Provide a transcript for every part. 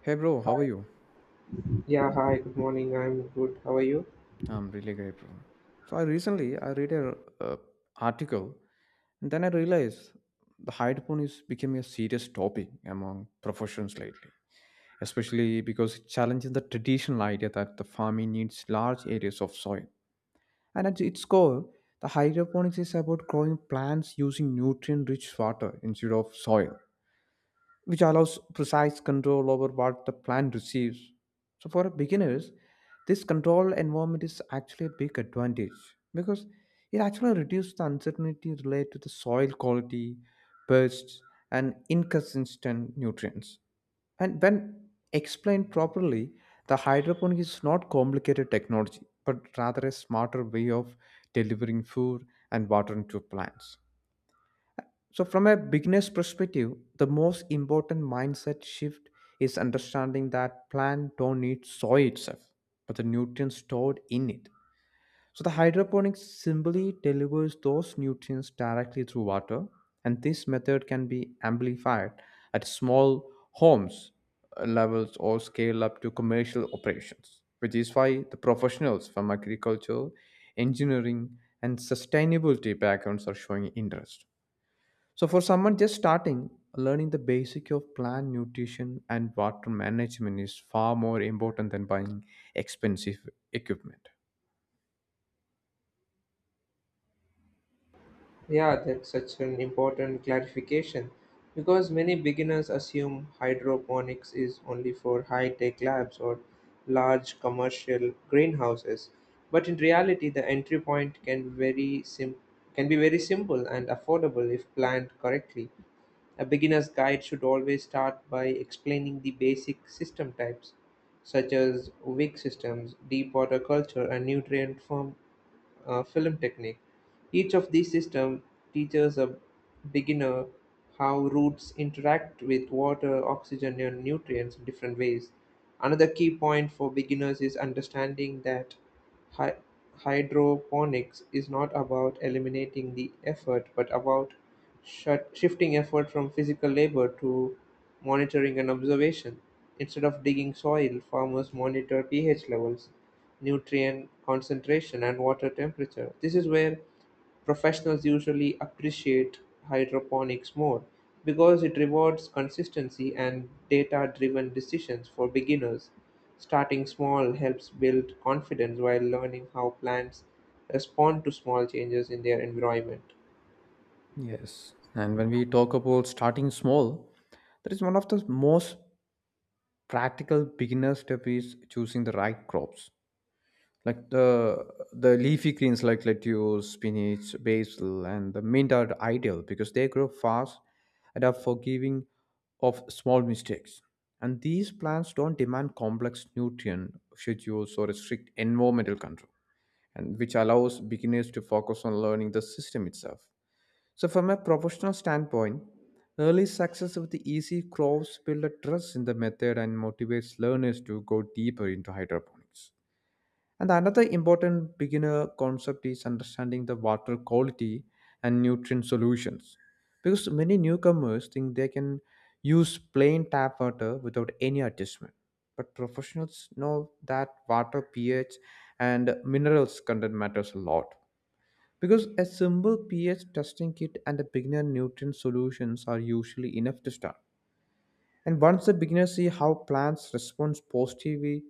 Hey bro, how are you? Yeah, hi, good morning. I'm good. How are you? I'm really great, bro. So I recently I read a uh, article and then I realized the hydropon is becoming a serious topic among professions lately, especially because it challenges the traditional idea that the farming needs large areas of soil. And at its core, the hydroponics is about growing plants using nutrient-rich water instead of soil which allows precise control over what the plant receives. So for beginners, this control environment is actually a big advantage because it actually reduces the uncertainty related to the soil quality, pests, and inconsistent nutrients. And when explained properly, the hydroponic is not complicated technology, but rather a smarter way of delivering food and water into plants. So, from a beginner's perspective, the most important mindset shift is understanding that plants don't need soil itself, but the nutrients stored in it. So, the hydroponics simply delivers those nutrients directly through water, and this method can be amplified at small homes levels or scale up to commercial operations, which is why the professionals from agriculture, engineering, and sustainability backgrounds are showing interest. So for someone just starting, learning the basic of plant nutrition and water management is far more important than buying expensive equipment. Yeah, that's such an important clarification because many beginners assume hydroponics is only for high tech labs or large commercial greenhouses. But in reality, the entry point can can be very simple and affordable if planned correctly. A beginner's guide should always start by explaining the basic system types, such as weak systems, deep water culture, and nutrient farm film technique. Each of these systems teaches a beginner how roots interact with water, oxygen, and nutrients in different ways. Another key point for beginners is understanding that hy- hydroponics is not about eliminating the effort, but about shifting effort from physical labor to monitoring and observation. Instead of digging soil, farmers monitor pH levels, nutrient concentration, and water temperature. This is where professionals usually appreciate hydroponics more because it rewards consistency and data driven decisions for beginners. Starting small helps build confidence while learning how plants respond to small changes in their environment. Yes. And when we talk about starting small, that is one of the most practical beginner step is choosing the right crops. Like the leafy greens like lettuce, spinach, basil, and the mint are ideal because they grow fast and are forgiving of small mistakes. And these plants don't demand complex nutrient schedules or a strict environmental control, and which allows beginners to focus on learning the system itself. So, from a professional standpoint, early success with the easy crops build a trust in the method and motivates learners to go deeper into hydroponics. And another important beginner concept is understanding the water quality and nutrient solutions. Because many newcomers think they can use plain tap water without any adjustment. But professionals know that water pH and minerals content matters a lot. Because a simple pH testing kit and a beginner nutrient solutions are usually enough to start. And once the beginners see how plants respond positively,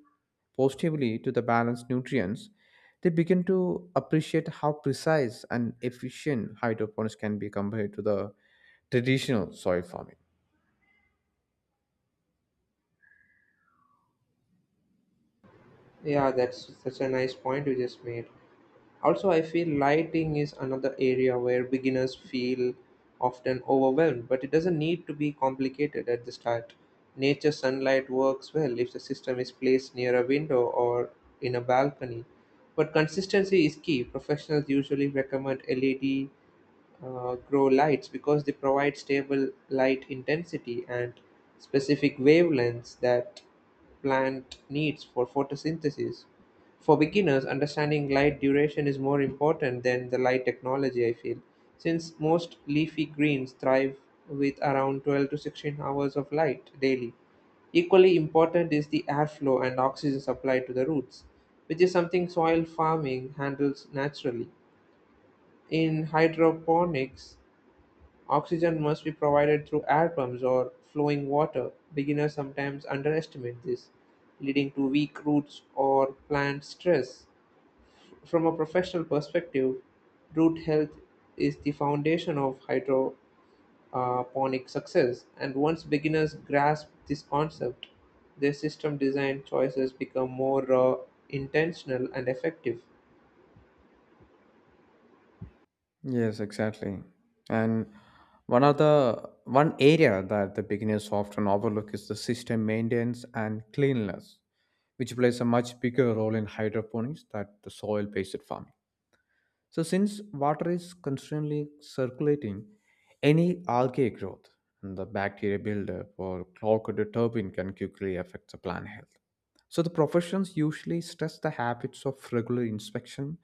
positively to the balanced nutrients, they begin to appreciate how precise and efficient hydroponics can be compared to the traditional soil farming. Yeah, that's such a nice point you just made. Also, I feel lighting is another area where beginners feel often overwhelmed, but it doesn't need to be complicated at the start. Nature sunlight works well if the system is placed near a window or in a balcony. But consistency is key. Professionals usually recommend LED grow lights because they provide stable light intensity and specific wavelengths that plant needs for photosynthesis. For beginners, understanding light duration is more important than the light technology, I feel, since most leafy greens thrive with around 12 to 16 hours of light daily. Equally important is the airflow and oxygen supply to the roots, which is something soil farming handles naturally. In hydroponics, oxygen must be provided through air pumps or flowing water. Beginners sometimes underestimate this, leading to weak roots or plant stress. From a professional perspective, root health is the foundation of hydroponic success, and once beginners grasp this concept, their system design choices become more intentional and effective. Yes, exactly. And one of the one area that the beginners often overlook is the system maintenance and cleanliness, which plays a much bigger role in hydroponics than the soil-based farming. So, since water is constantly circulating, any algae growth and the bacteria buildup or clogged turbine can quickly affect the plant health. So, the professions usually stress the habits of regular inspection,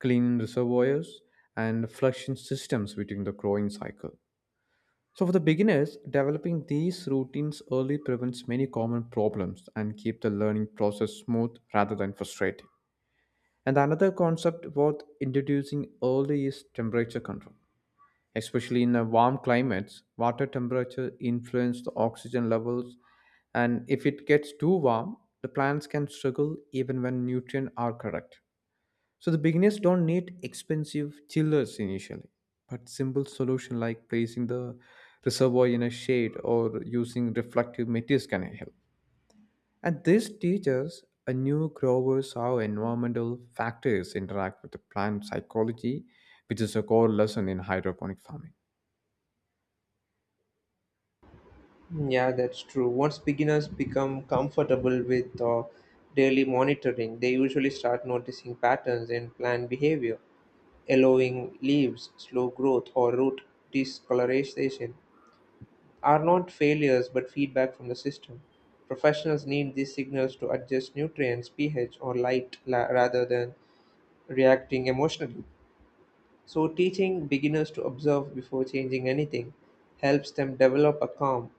cleaning reservoirs, and flushing systems within the growing cycle. So, for the beginners, developing these routines early prevents many common problems and keep the learning process smooth rather than frustrating. And another concept worth introducing early is temperature control. Especially in warm climates, water temperature influences the oxygen levels, and if it gets too warm, the plants can struggle even when nutrients are correct. So the beginners don't need expensive chillers initially, but simple solution like placing the reservoir in a shade or using reflective materials can help. And this teaches a new growers how environmental factors interact with the plant psychology, which is a core lesson in hydroponic farming. Yeah, that's true. Once beginners become comfortable with daily monitoring, they usually start noticing patterns in plant behavior. Yellowing leaves, slow growth, or root discoloration are not failures but feedback from the system. Professionals need these signals to adjust nutrients, pH, or rather than reacting emotionally. So, teaching beginners to observe before changing anything helps them develop a calm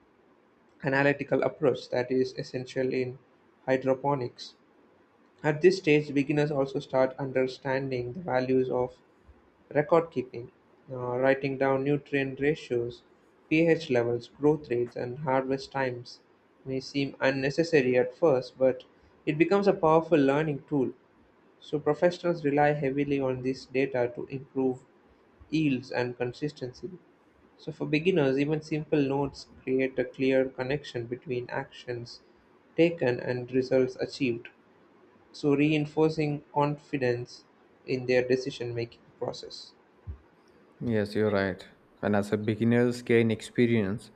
analytical approach that is essential in hydroponics. At this stage, beginners also start understanding the values of record keeping, writing down nutrient ratios, pH levels, growth rates, and harvest times. May seem unnecessary at first, but it becomes a powerful learning tool. So, professionals rely heavily on this data to improve yields and consistency. So, for beginners, even simple notes create a clear connection between actions taken and results achieved, so reinforcing confidence in their decision making process. Yes, you're right. And as a beginner's gain experience,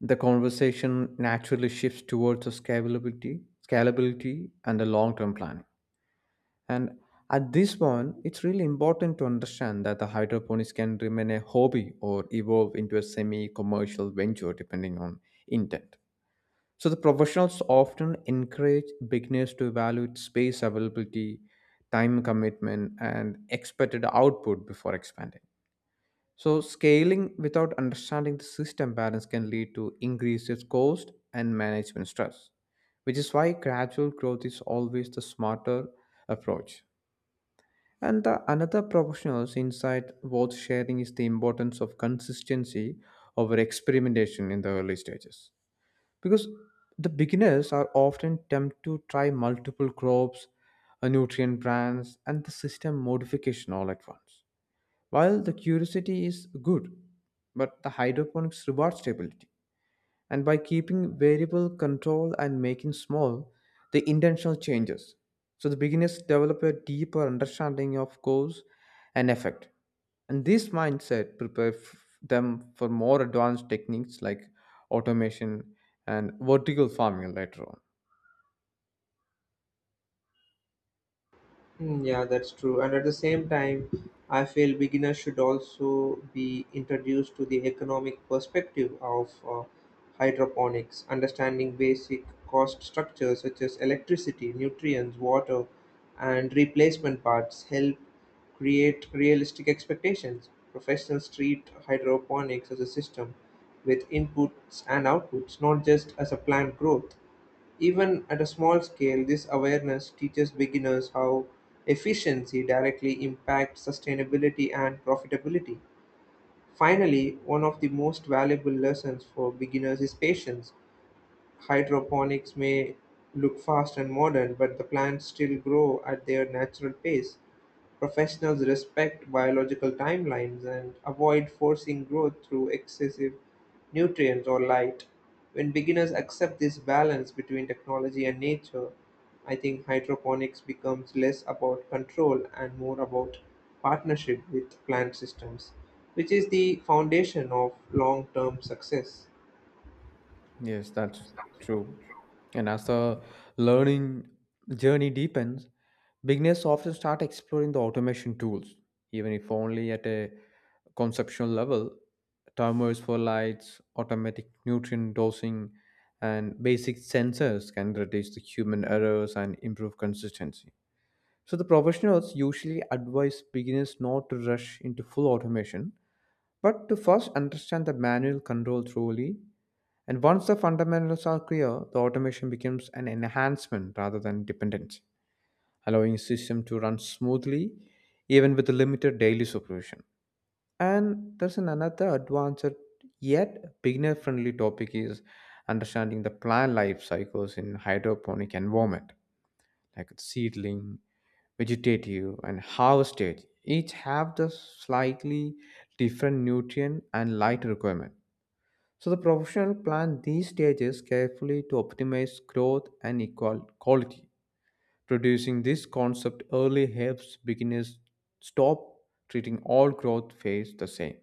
the conversation naturally shifts towards the scalability and the long-term planning. And at this point, it's really important to understand that the hydroponics can remain a hobby or evolve into a semi-commercial venture depending on intent. So the professionals often encourage beginners to evaluate space availability, time commitment, and expected output before expanding. So scaling without understanding the system balance can lead to increased cost and management stress, which is why gradual growth is always the smarter approach. And the another professional's insight worth sharing is the importance of consistency over experimentation in the early stages because the beginners are often tempted to try multiple crops, nutrient brands, and the system modification all at once. While the curiosity is good, but the hydroponics rewards stability and by keeping variable control and making small the intentional changes so the beginners develop a deeper understanding of cause and effect and this mindset prepares them for more advanced techniques like automation and vertical farming later on. Hmm. Yeah, that's true. And at the same time, I feel beginners should also be introduced to the economic perspective of hydroponics, understanding basic cost structures such as electricity, nutrients, water, and replacement parts help create realistic expectations. Professionals treat hydroponics as a system with inputs and outputs, not just as a plant growth. Even at a small scale, this awareness teaches beginners how efficiency directly impacts sustainability and profitability. Finally, one of the most valuable lessons for beginners is patience. Hydroponics may look fast and modern, but the plants still grow at their natural pace. Professionals respect biological timelines and avoid forcing growth through excessive nutrients or light. When beginners accept this balance between technology and nature, I think hydroponics becomes less about control and more about partnership with plant systems, which is the foundation of long term success. Yes, that's true. And as the learning journey deepens, beginners often start exploring the automation tools, even if only at a conceptual level. Timers for lights, automatic nutrient dosing, and basic sensors can reduce the human errors and improve consistency. So the professionals usually advise beginners not to rush into full automation, but to first understand the manual control thoroughly. And once the fundamentals are clear, the automation becomes an enhancement rather than dependence, allowing system to run smoothly even with limited daily supervision. And there's an another advanced yet beginner-friendly topic is understanding the plant life cycles in hydroponic environment like seedling, vegetative, and harvest stage, each have the slightly different nutrient and light requirement. So the professional plant these stages carefully to optimize growth and equal quality. Producing this concept early helps beginners stop treating all growth phase the same.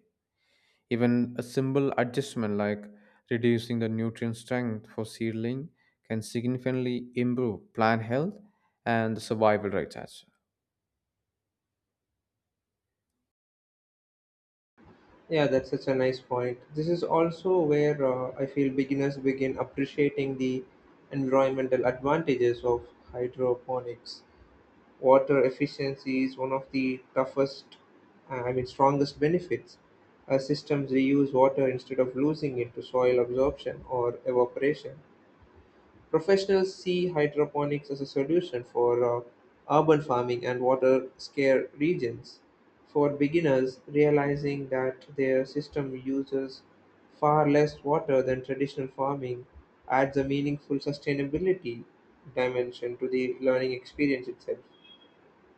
Even a simple adjustment like reducing the nutrient strength for seedling can significantly improve plant health and the survival rates as Yeah, that's such a nice point. This is also where I feel beginners begin appreciating the environmental advantages of hydroponics. Water efficiency is one of the toughest, I mean, strongest benefits. Systems reuse water instead of losing it to soil absorption or evaporation. Professionals see hydroponics as a solution for urban farming and water scarce regions. For beginners, realizing that their system uses far less water than traditional farming adds a meaningful sustainability dimension to the learning experience itself.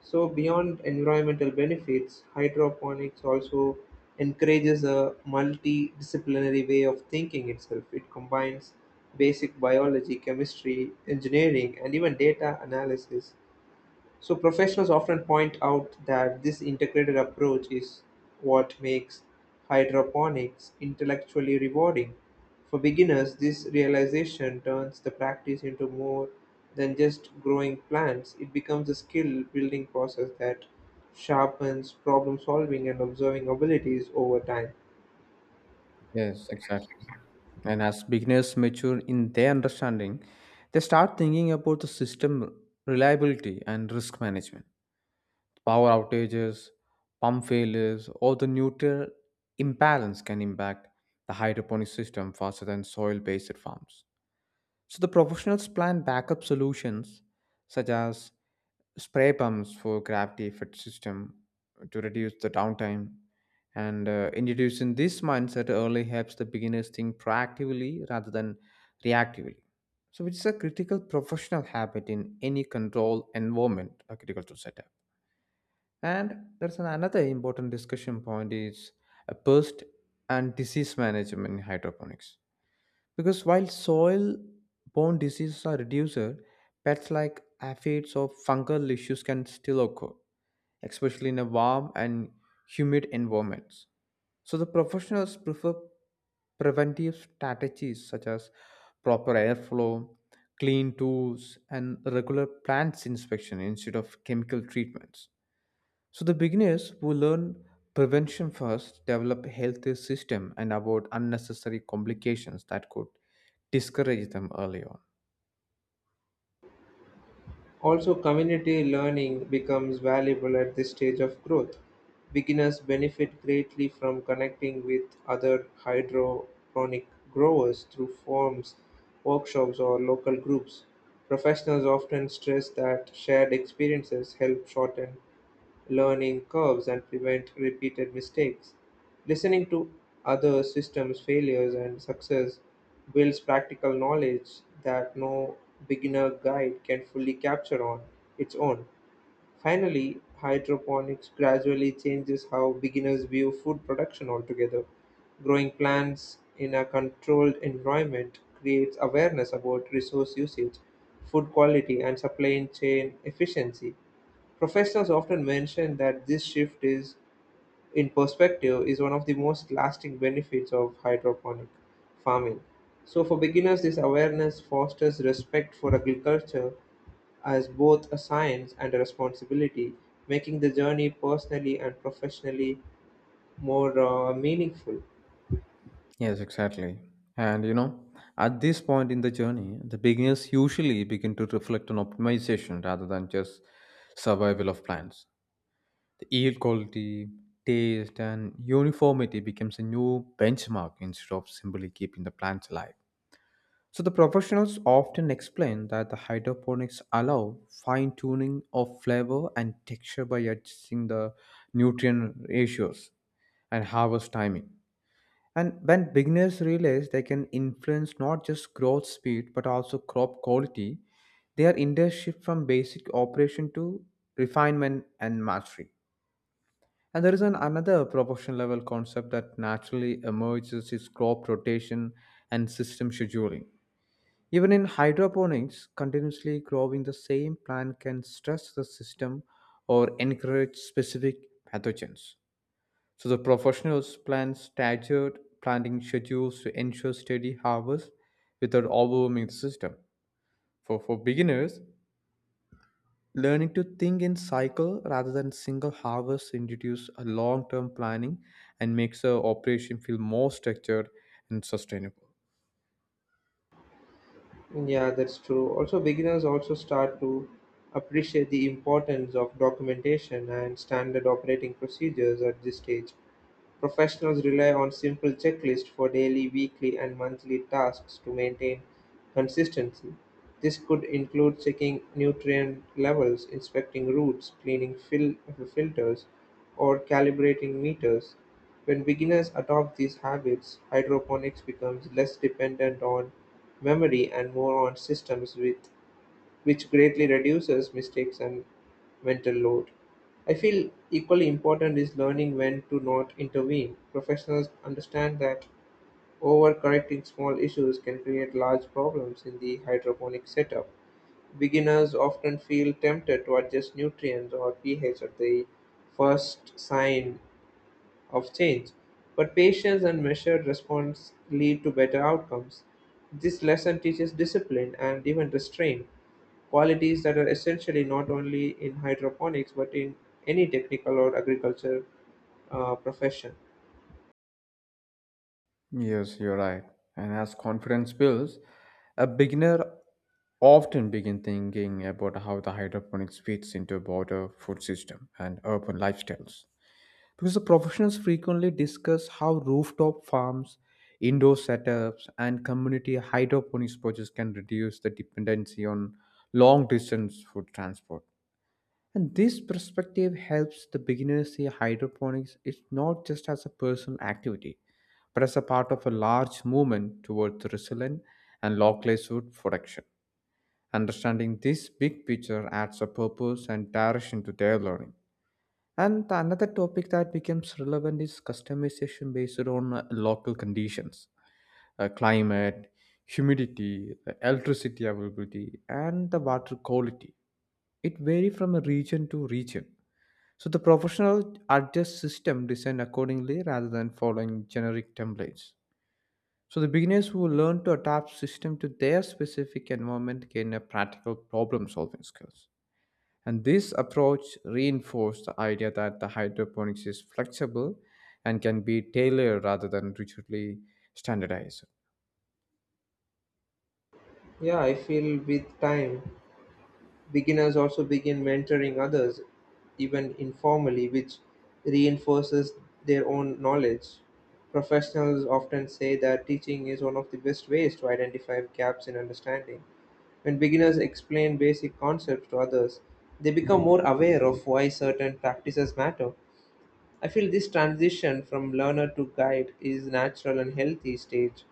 So beyond environmental benefits, hydroponics also encourages a multidisciplinary way of thinking itself. It combines basic biology, chemistry, engineering, and even data analysis, so professionals often point out that this integrated approach is what makes hydroponics intellectually rewarding. For beginners, this realization turns the practice into more than just growing plants. It becomes a skill building process that sharpens problem solving and observing abilities over time. well. Yes, exactly. And as beginners mature in their understanding, they start thinking about the system reliability and risk management. Power outages, pump failures, or the nutrient imbalance can impact the hydroponic system faster than soil based farms. So the professionals plan backup solutions such as spray pumps for gravity fed system to reduce the downtime and introducing this mindset early helps the beginners think proactively rather than reactively so which is a critical professional habit in any control environment are critical to set up and there's another important discussion point is a pest and disease management in hydroponics because while soil borne diseases are reduced, pests like aphids or fungal issues can still occur, especially in a warm and humid environments. So the professionals prefer preventive strategies such as proper airflow, clean tools, and regular plants inspection instead of chemical treatments. So the beginners who learn prevention first develop a healthy system and avoid unnecessary complications that could discourage them early on. Also, community learning becomes valuable at this stage of growth. Beginners benefit greatly from connecting with other hydroponic growers through forums, workshops, or local groups. Professionals often stress that shared experiences help shorten learning curves and prevent repeated mistakes. Listening to other systems' failures and success builds practical knowledge that no beginner guide can fully capture on its own. Finally, hydroponics gradually changes how beginners view food production altogether. Growing plants in a controlled environment creates awareness about resource usage, food quality, and supply chain efficiency. Professionals often mention that this shift is in perspective is one of the most lasting benefits of hydroponic farming. So for beginners, this awareness fosters respect for agriculture as both a science and a responsibility, making the journey personally and professionally more meaningful. Yes, exactly. And you know, at this point in the journey, the beginners usually begin to reflect on optimization rather than just survival of plants. The yield quality, taste, and uniformity becomes a new benchmark instead of simply keeping the plants alive. So the professionals often explain that the hydroponics allow fine tuning of flavor and texture by adjusting the nutrient ratios and harvest timing. And when beginners realize they can influence not just growth speed but also crop quality, their industry shift from basic operation to refinement and mastery. And there is an another professional level concept that naturally emerges is crop rotation and system scheduling even in hydroponics, continuously growing the same plant can stress the system or encourage specific pathogens. So the professionals plan staggered planting schedules to ensure steady harvest without overwhelming the system. For beginners, learning to think in cycle rather than single harvest introduces a long-term planning and makes the operation feel more structured and sustainable. Yeah, that's true. Also, beginners also start to appreciate the importance of documentation and standard operating procedures at this stage. Professionals rely on simple checklists for daily, weekly, and monthly tasks to maintain consistency. This could include checking nutrient levels, inspecting routes, cleaning filters, or calibrating meters. When beginners adopt these habits, hydroponics becomes less dependent on memory and more on systems with which greatly reduces mistakes and mental load. I feel equally important is learning when to not intervene. Professionals understand that overcorrecting small issues can create large problems in the hydroponic setup. Beginners often feel tempted to adjust nutrients or pH at the first sign of change, but patience and measured response lead to better outcomes. This lesson teaches discipline and even restraint, qualities that are essentially not only in hydroponics but in any technical or agriculture profession. Yes, you're right. And as confidence builds, a beginner often begin thinking about how the hydroponics fits into broader food system and urban lifestyles. Because the professionals frequently discuss how rooftop farms, indoor setups, and community hydroponics projects can reduce the dependency on long distance food transport. And this perspective helps the beginner see hydroponics is not just as a personal activity, but as a part of a large movement towards resilient and localized food production. Understanding this big picture adds a purpose and direction to their learning. And the another topic that becomes relevant is customization based on local conditions, climate, humidity, electricity availability, and the water quality. It varies from a region to region so the professional adjust system design accordingly rather than following generic templates. So the beginners who learn to adapt system to their specific environment gain a practical problem solving skills. And this approach reinforces the idea that the hydroponics is flexible and can be tailored rather than rigidly standardized. Yeah, I feel with time, beginners also begin mentoring others, even informally, which reinforces their own knowledge. Professionals often say that teaching is one of the best ways to identify gaps in understanding. When beginners explain basic concepts to others, they become more aware of why certain practices matter. I feel this transition from learner to guide is natural and healthy stage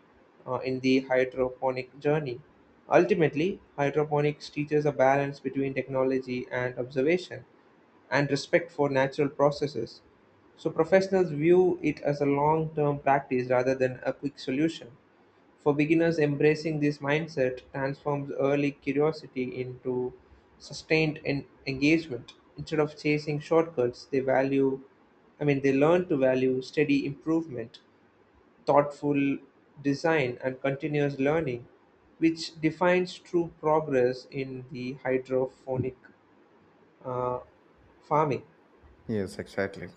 in the hydroponic journey. Ultimately, hydroponics teaches a balance between technology and observation and respect for natural processes. So professionals view it as a long-term practice rather than a quick solution. For beginners, embracing this mindset transforms early curiosity into sustained engagement. Instead of chasing shortcuts, they learn to value steady improvement, thoughtful design, and continuous learning, which defines true progress in the hydroponic uh, farming. Yes, exactly.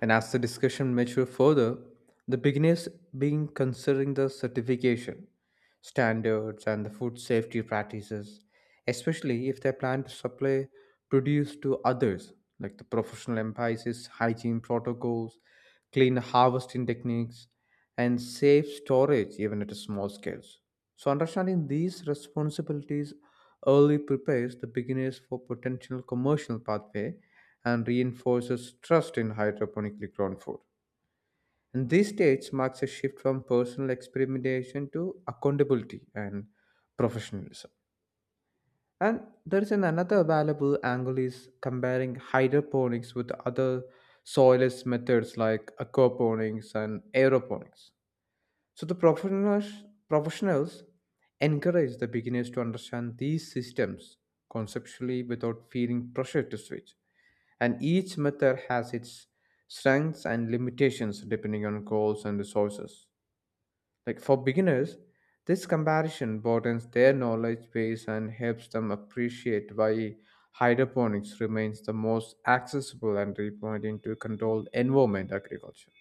And as the discussion matured further, the beginners being considering the certification, standards, and the food safety practices, especially if they plan to supply produce to others, like the professional emphasis, hygiene protocols, clean harvesting techniques, and safe storage even at a small scales. So understanding these responsibilities early prepares the beginners for potential commercial pathway and reinforces trust in hydroponically grown food. And this stage marks a shift from personal experimentation to accountability and professionalism. And there is an another valuable angle is comparing hydroponics with other soilless methods like aquaponics and aeroponics. So the professionals encourage the beginners to understand these systems conceptually without feeling pressure to switch, and each method has its strengths and limitations depending on goals and resources. Like, for beginners, this comparison broadens their knowledge base and helps them appreciate why hydroponics remains the most accessible entry point into controlled environment agriculture.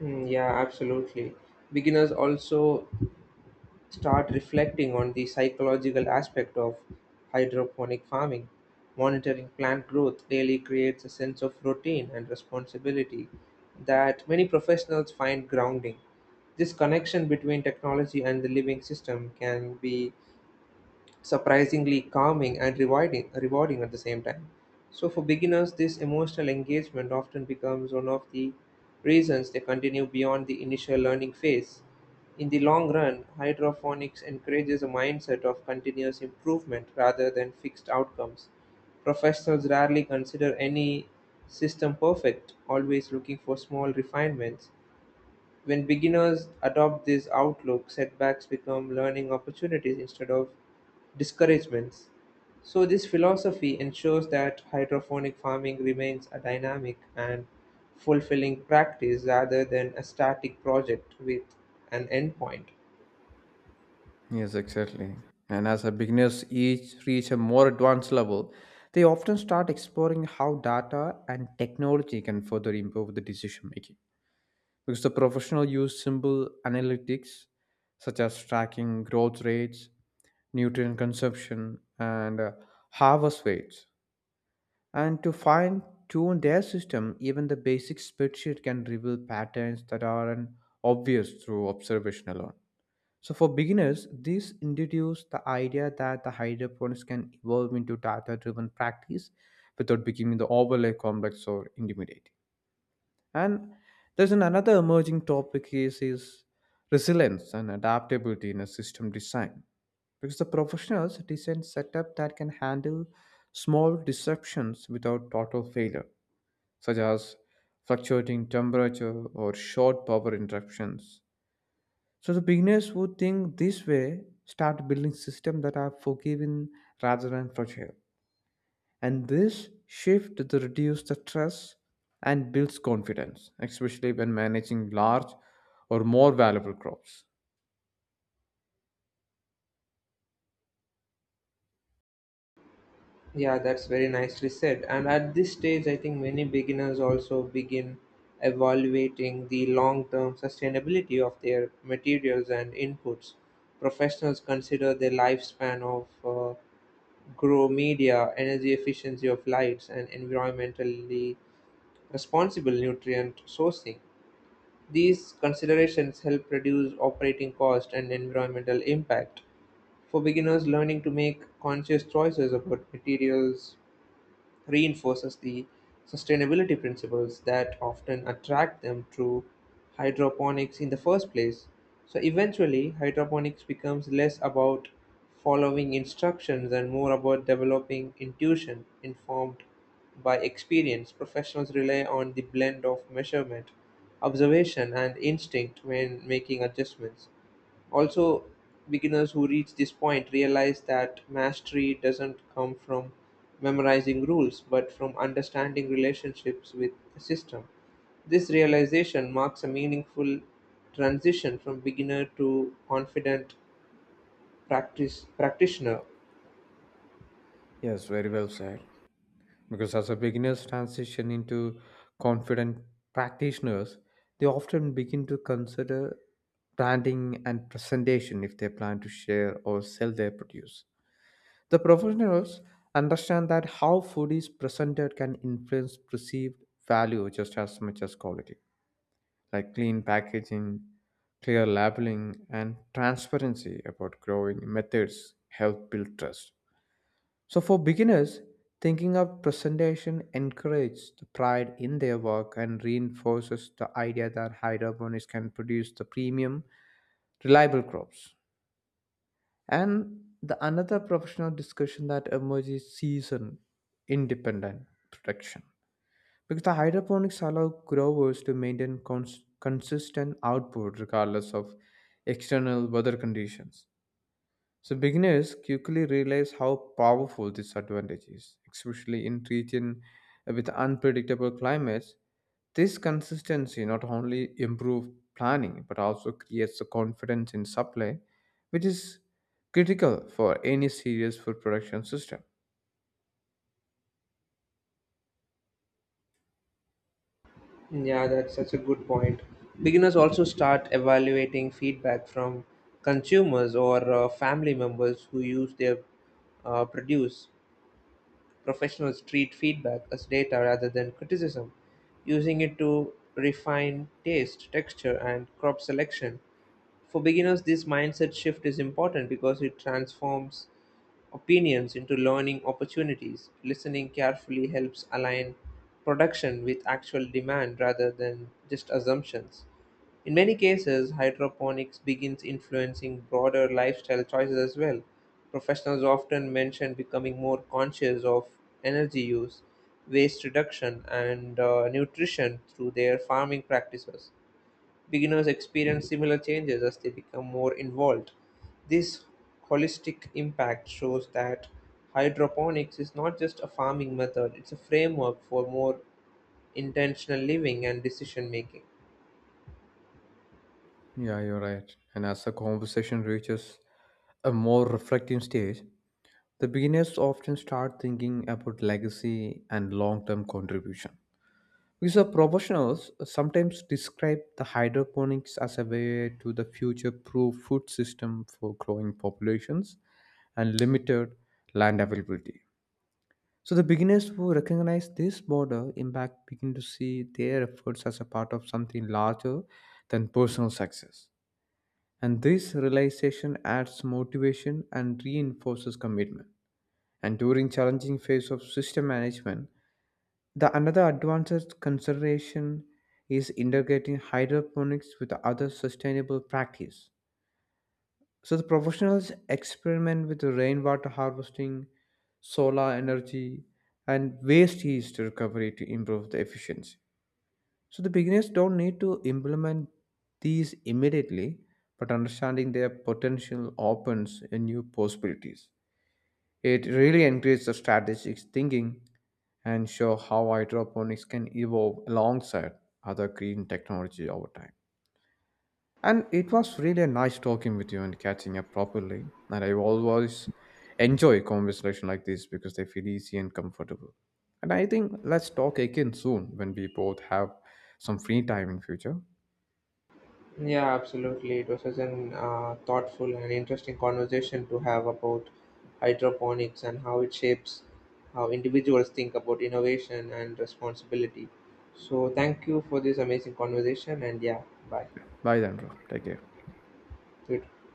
Yeah, absolutely. Beginners also start reflecting on the psychological aspect of hydroponic farming. Monitoring plant growth daily creates a sense of routine and responsibility that many professionals find grounding. This connection between technology and the living system can be surprisingly calming and rewarding at the same time. So, for beginners, this emotional engagement often becomes one of the reasons they continue beyond the initial learning phase. In the long run, hydroponics encourages a mindset of continuous improvement rather than fixed outcomes. Professionals rarely consider any system perfect, always looking for small refinements when beginners adopt this outlook, setbacks become learning opportunities instead of discouragements. So, this philosophy ensures that hydroponic farming remains a dynamic and fulfilling practice rather than a static project with an endpoint. Yes, exactly. And as a beginners each reach a more advanced level, they often start exploring how data and technology can further improve the decision making. Because the professional use simple analytics such as tracking growth rates, nutrient consumption, and harvest weights, and to fine tune their system. Even the basic spreadsheet can reveal patterns that are obvious through observation alone. So for beginners, this introduces the idea that the hydroponics can evolve into data driven practice without becoming the overly complex or intimidating. And there's an another emerging topic is resilience and adaptability in a system design. Because the professionals design setup that can handle small disruptions without total failure, such as fluctuating temperature or short power interruptions. So the beginners who think this way start building systems that are forgiving rather than fragile. And this shift to reduce the stress and builds confidence, especially when managing large or more valuable crops. Yeah, that's very nicely said. And at this stage, I think many beginners also begin evaluating the long term sustainability of their materials and inputs. Professionals consider the lifespan of grow media, energy efficiency of lights, and environmentally responsible nutrient sourcing. These considerations help reduce operating cost and environmental impact. For beginners, learning to make conscious choices about materials reinforces the sustainability principles that often attract them to hydroponics in the first place. So eventually, hydroponics becomes less about following instructions and more about developing intuition informed by experience. Professionals rely on the blend of measurement, observation, and instinct when making adjustments. Also, beginners who reach this point realize that mastery doesn't come from memorizing rules but from understanding relationships with the system. This realization marks a meaningful transition from beginner to confident practice practitioner. Yes, very well said. Because as a beginners transition into confident practitioners, they often begin to consider branding and presentation if they plan to share or sell their produce. The professionals understand that how food is presented can influence perceived value just as much as quality. Like, clean packaging, clear labeling, and transparency about growing methods help build trust. So, for beginners, thinking of presentation encourages the pride in their work and reinforces the idea that hydroponics can produce the premium, reliable crops. And the another professional discussion that emerges season independent production, because the hydroponics allow growers to maintain consistent output regardless of external weather conditions. So beginners quickly realize how powerful this advantage is, especially in regions with unpredictable climates. This consistency not only improves planning but also creates the confidence in supply, which is critical for any serious food production system. Yeah, that's such a good point. Beginners also start evaluating feedback from consumers or family members who use their produce. Professionals treat feedback as data rather than criticism, using it to refine taste, texture, and crop selection. For beginners, this mindset shift is important because it transforms opinions into learning opportunities, listening carefully helps align production with actual demand rather than just assumptions. In many cases, hydroponics begins influencing broader lifestyle choices as well. Professionals often mention becoming more conscious of energy use, waste reduction, and nutrition through their farming practices. Beginners experience similar changes as they become more involved. This holistic impact shows that hydroponics is not just a farming method, it's a framework for more intentional living and decision making. Yeah, you're right. And as the conversation reaches a more reflective stage, the beginners often start thinking about legacy and long term contribution. Because the professionals sometimes describe the hydroponics as a way to the future proof food system for growing populations and limited land availability. So the beginners who recognize this broader impact begin to see their efforts as a part of something larger than personal success. And this realization adds motivation and reinforces commitment, and during challenging phase of system management, the another advanced consideration is integrating hydroponics with other sustainable practice. So the professionals experiment with rainwater harvesting, solar energy, and waste heat recovery to improve the efficiency. So the beginners don't need to implement these immediately, but understanding their potential opens a new possibilities. It really encourages strategic thinking and show how hydroponics can evolve alongside other green technology over time. And it was really nice talking with you and catching up properly. And I always enjoy conversation like this because they feel easy and comfortable. And I think, let's talk again soon when we both have some free time in future. Yeah, absolutely. It was such an thoughtful and interesting conversation to have about hydroponics and how it shapes how individuals think about innovation and responsibility. So, thank you for this amazing conversation, and yeah, bye. Bye then, bro. Take care. You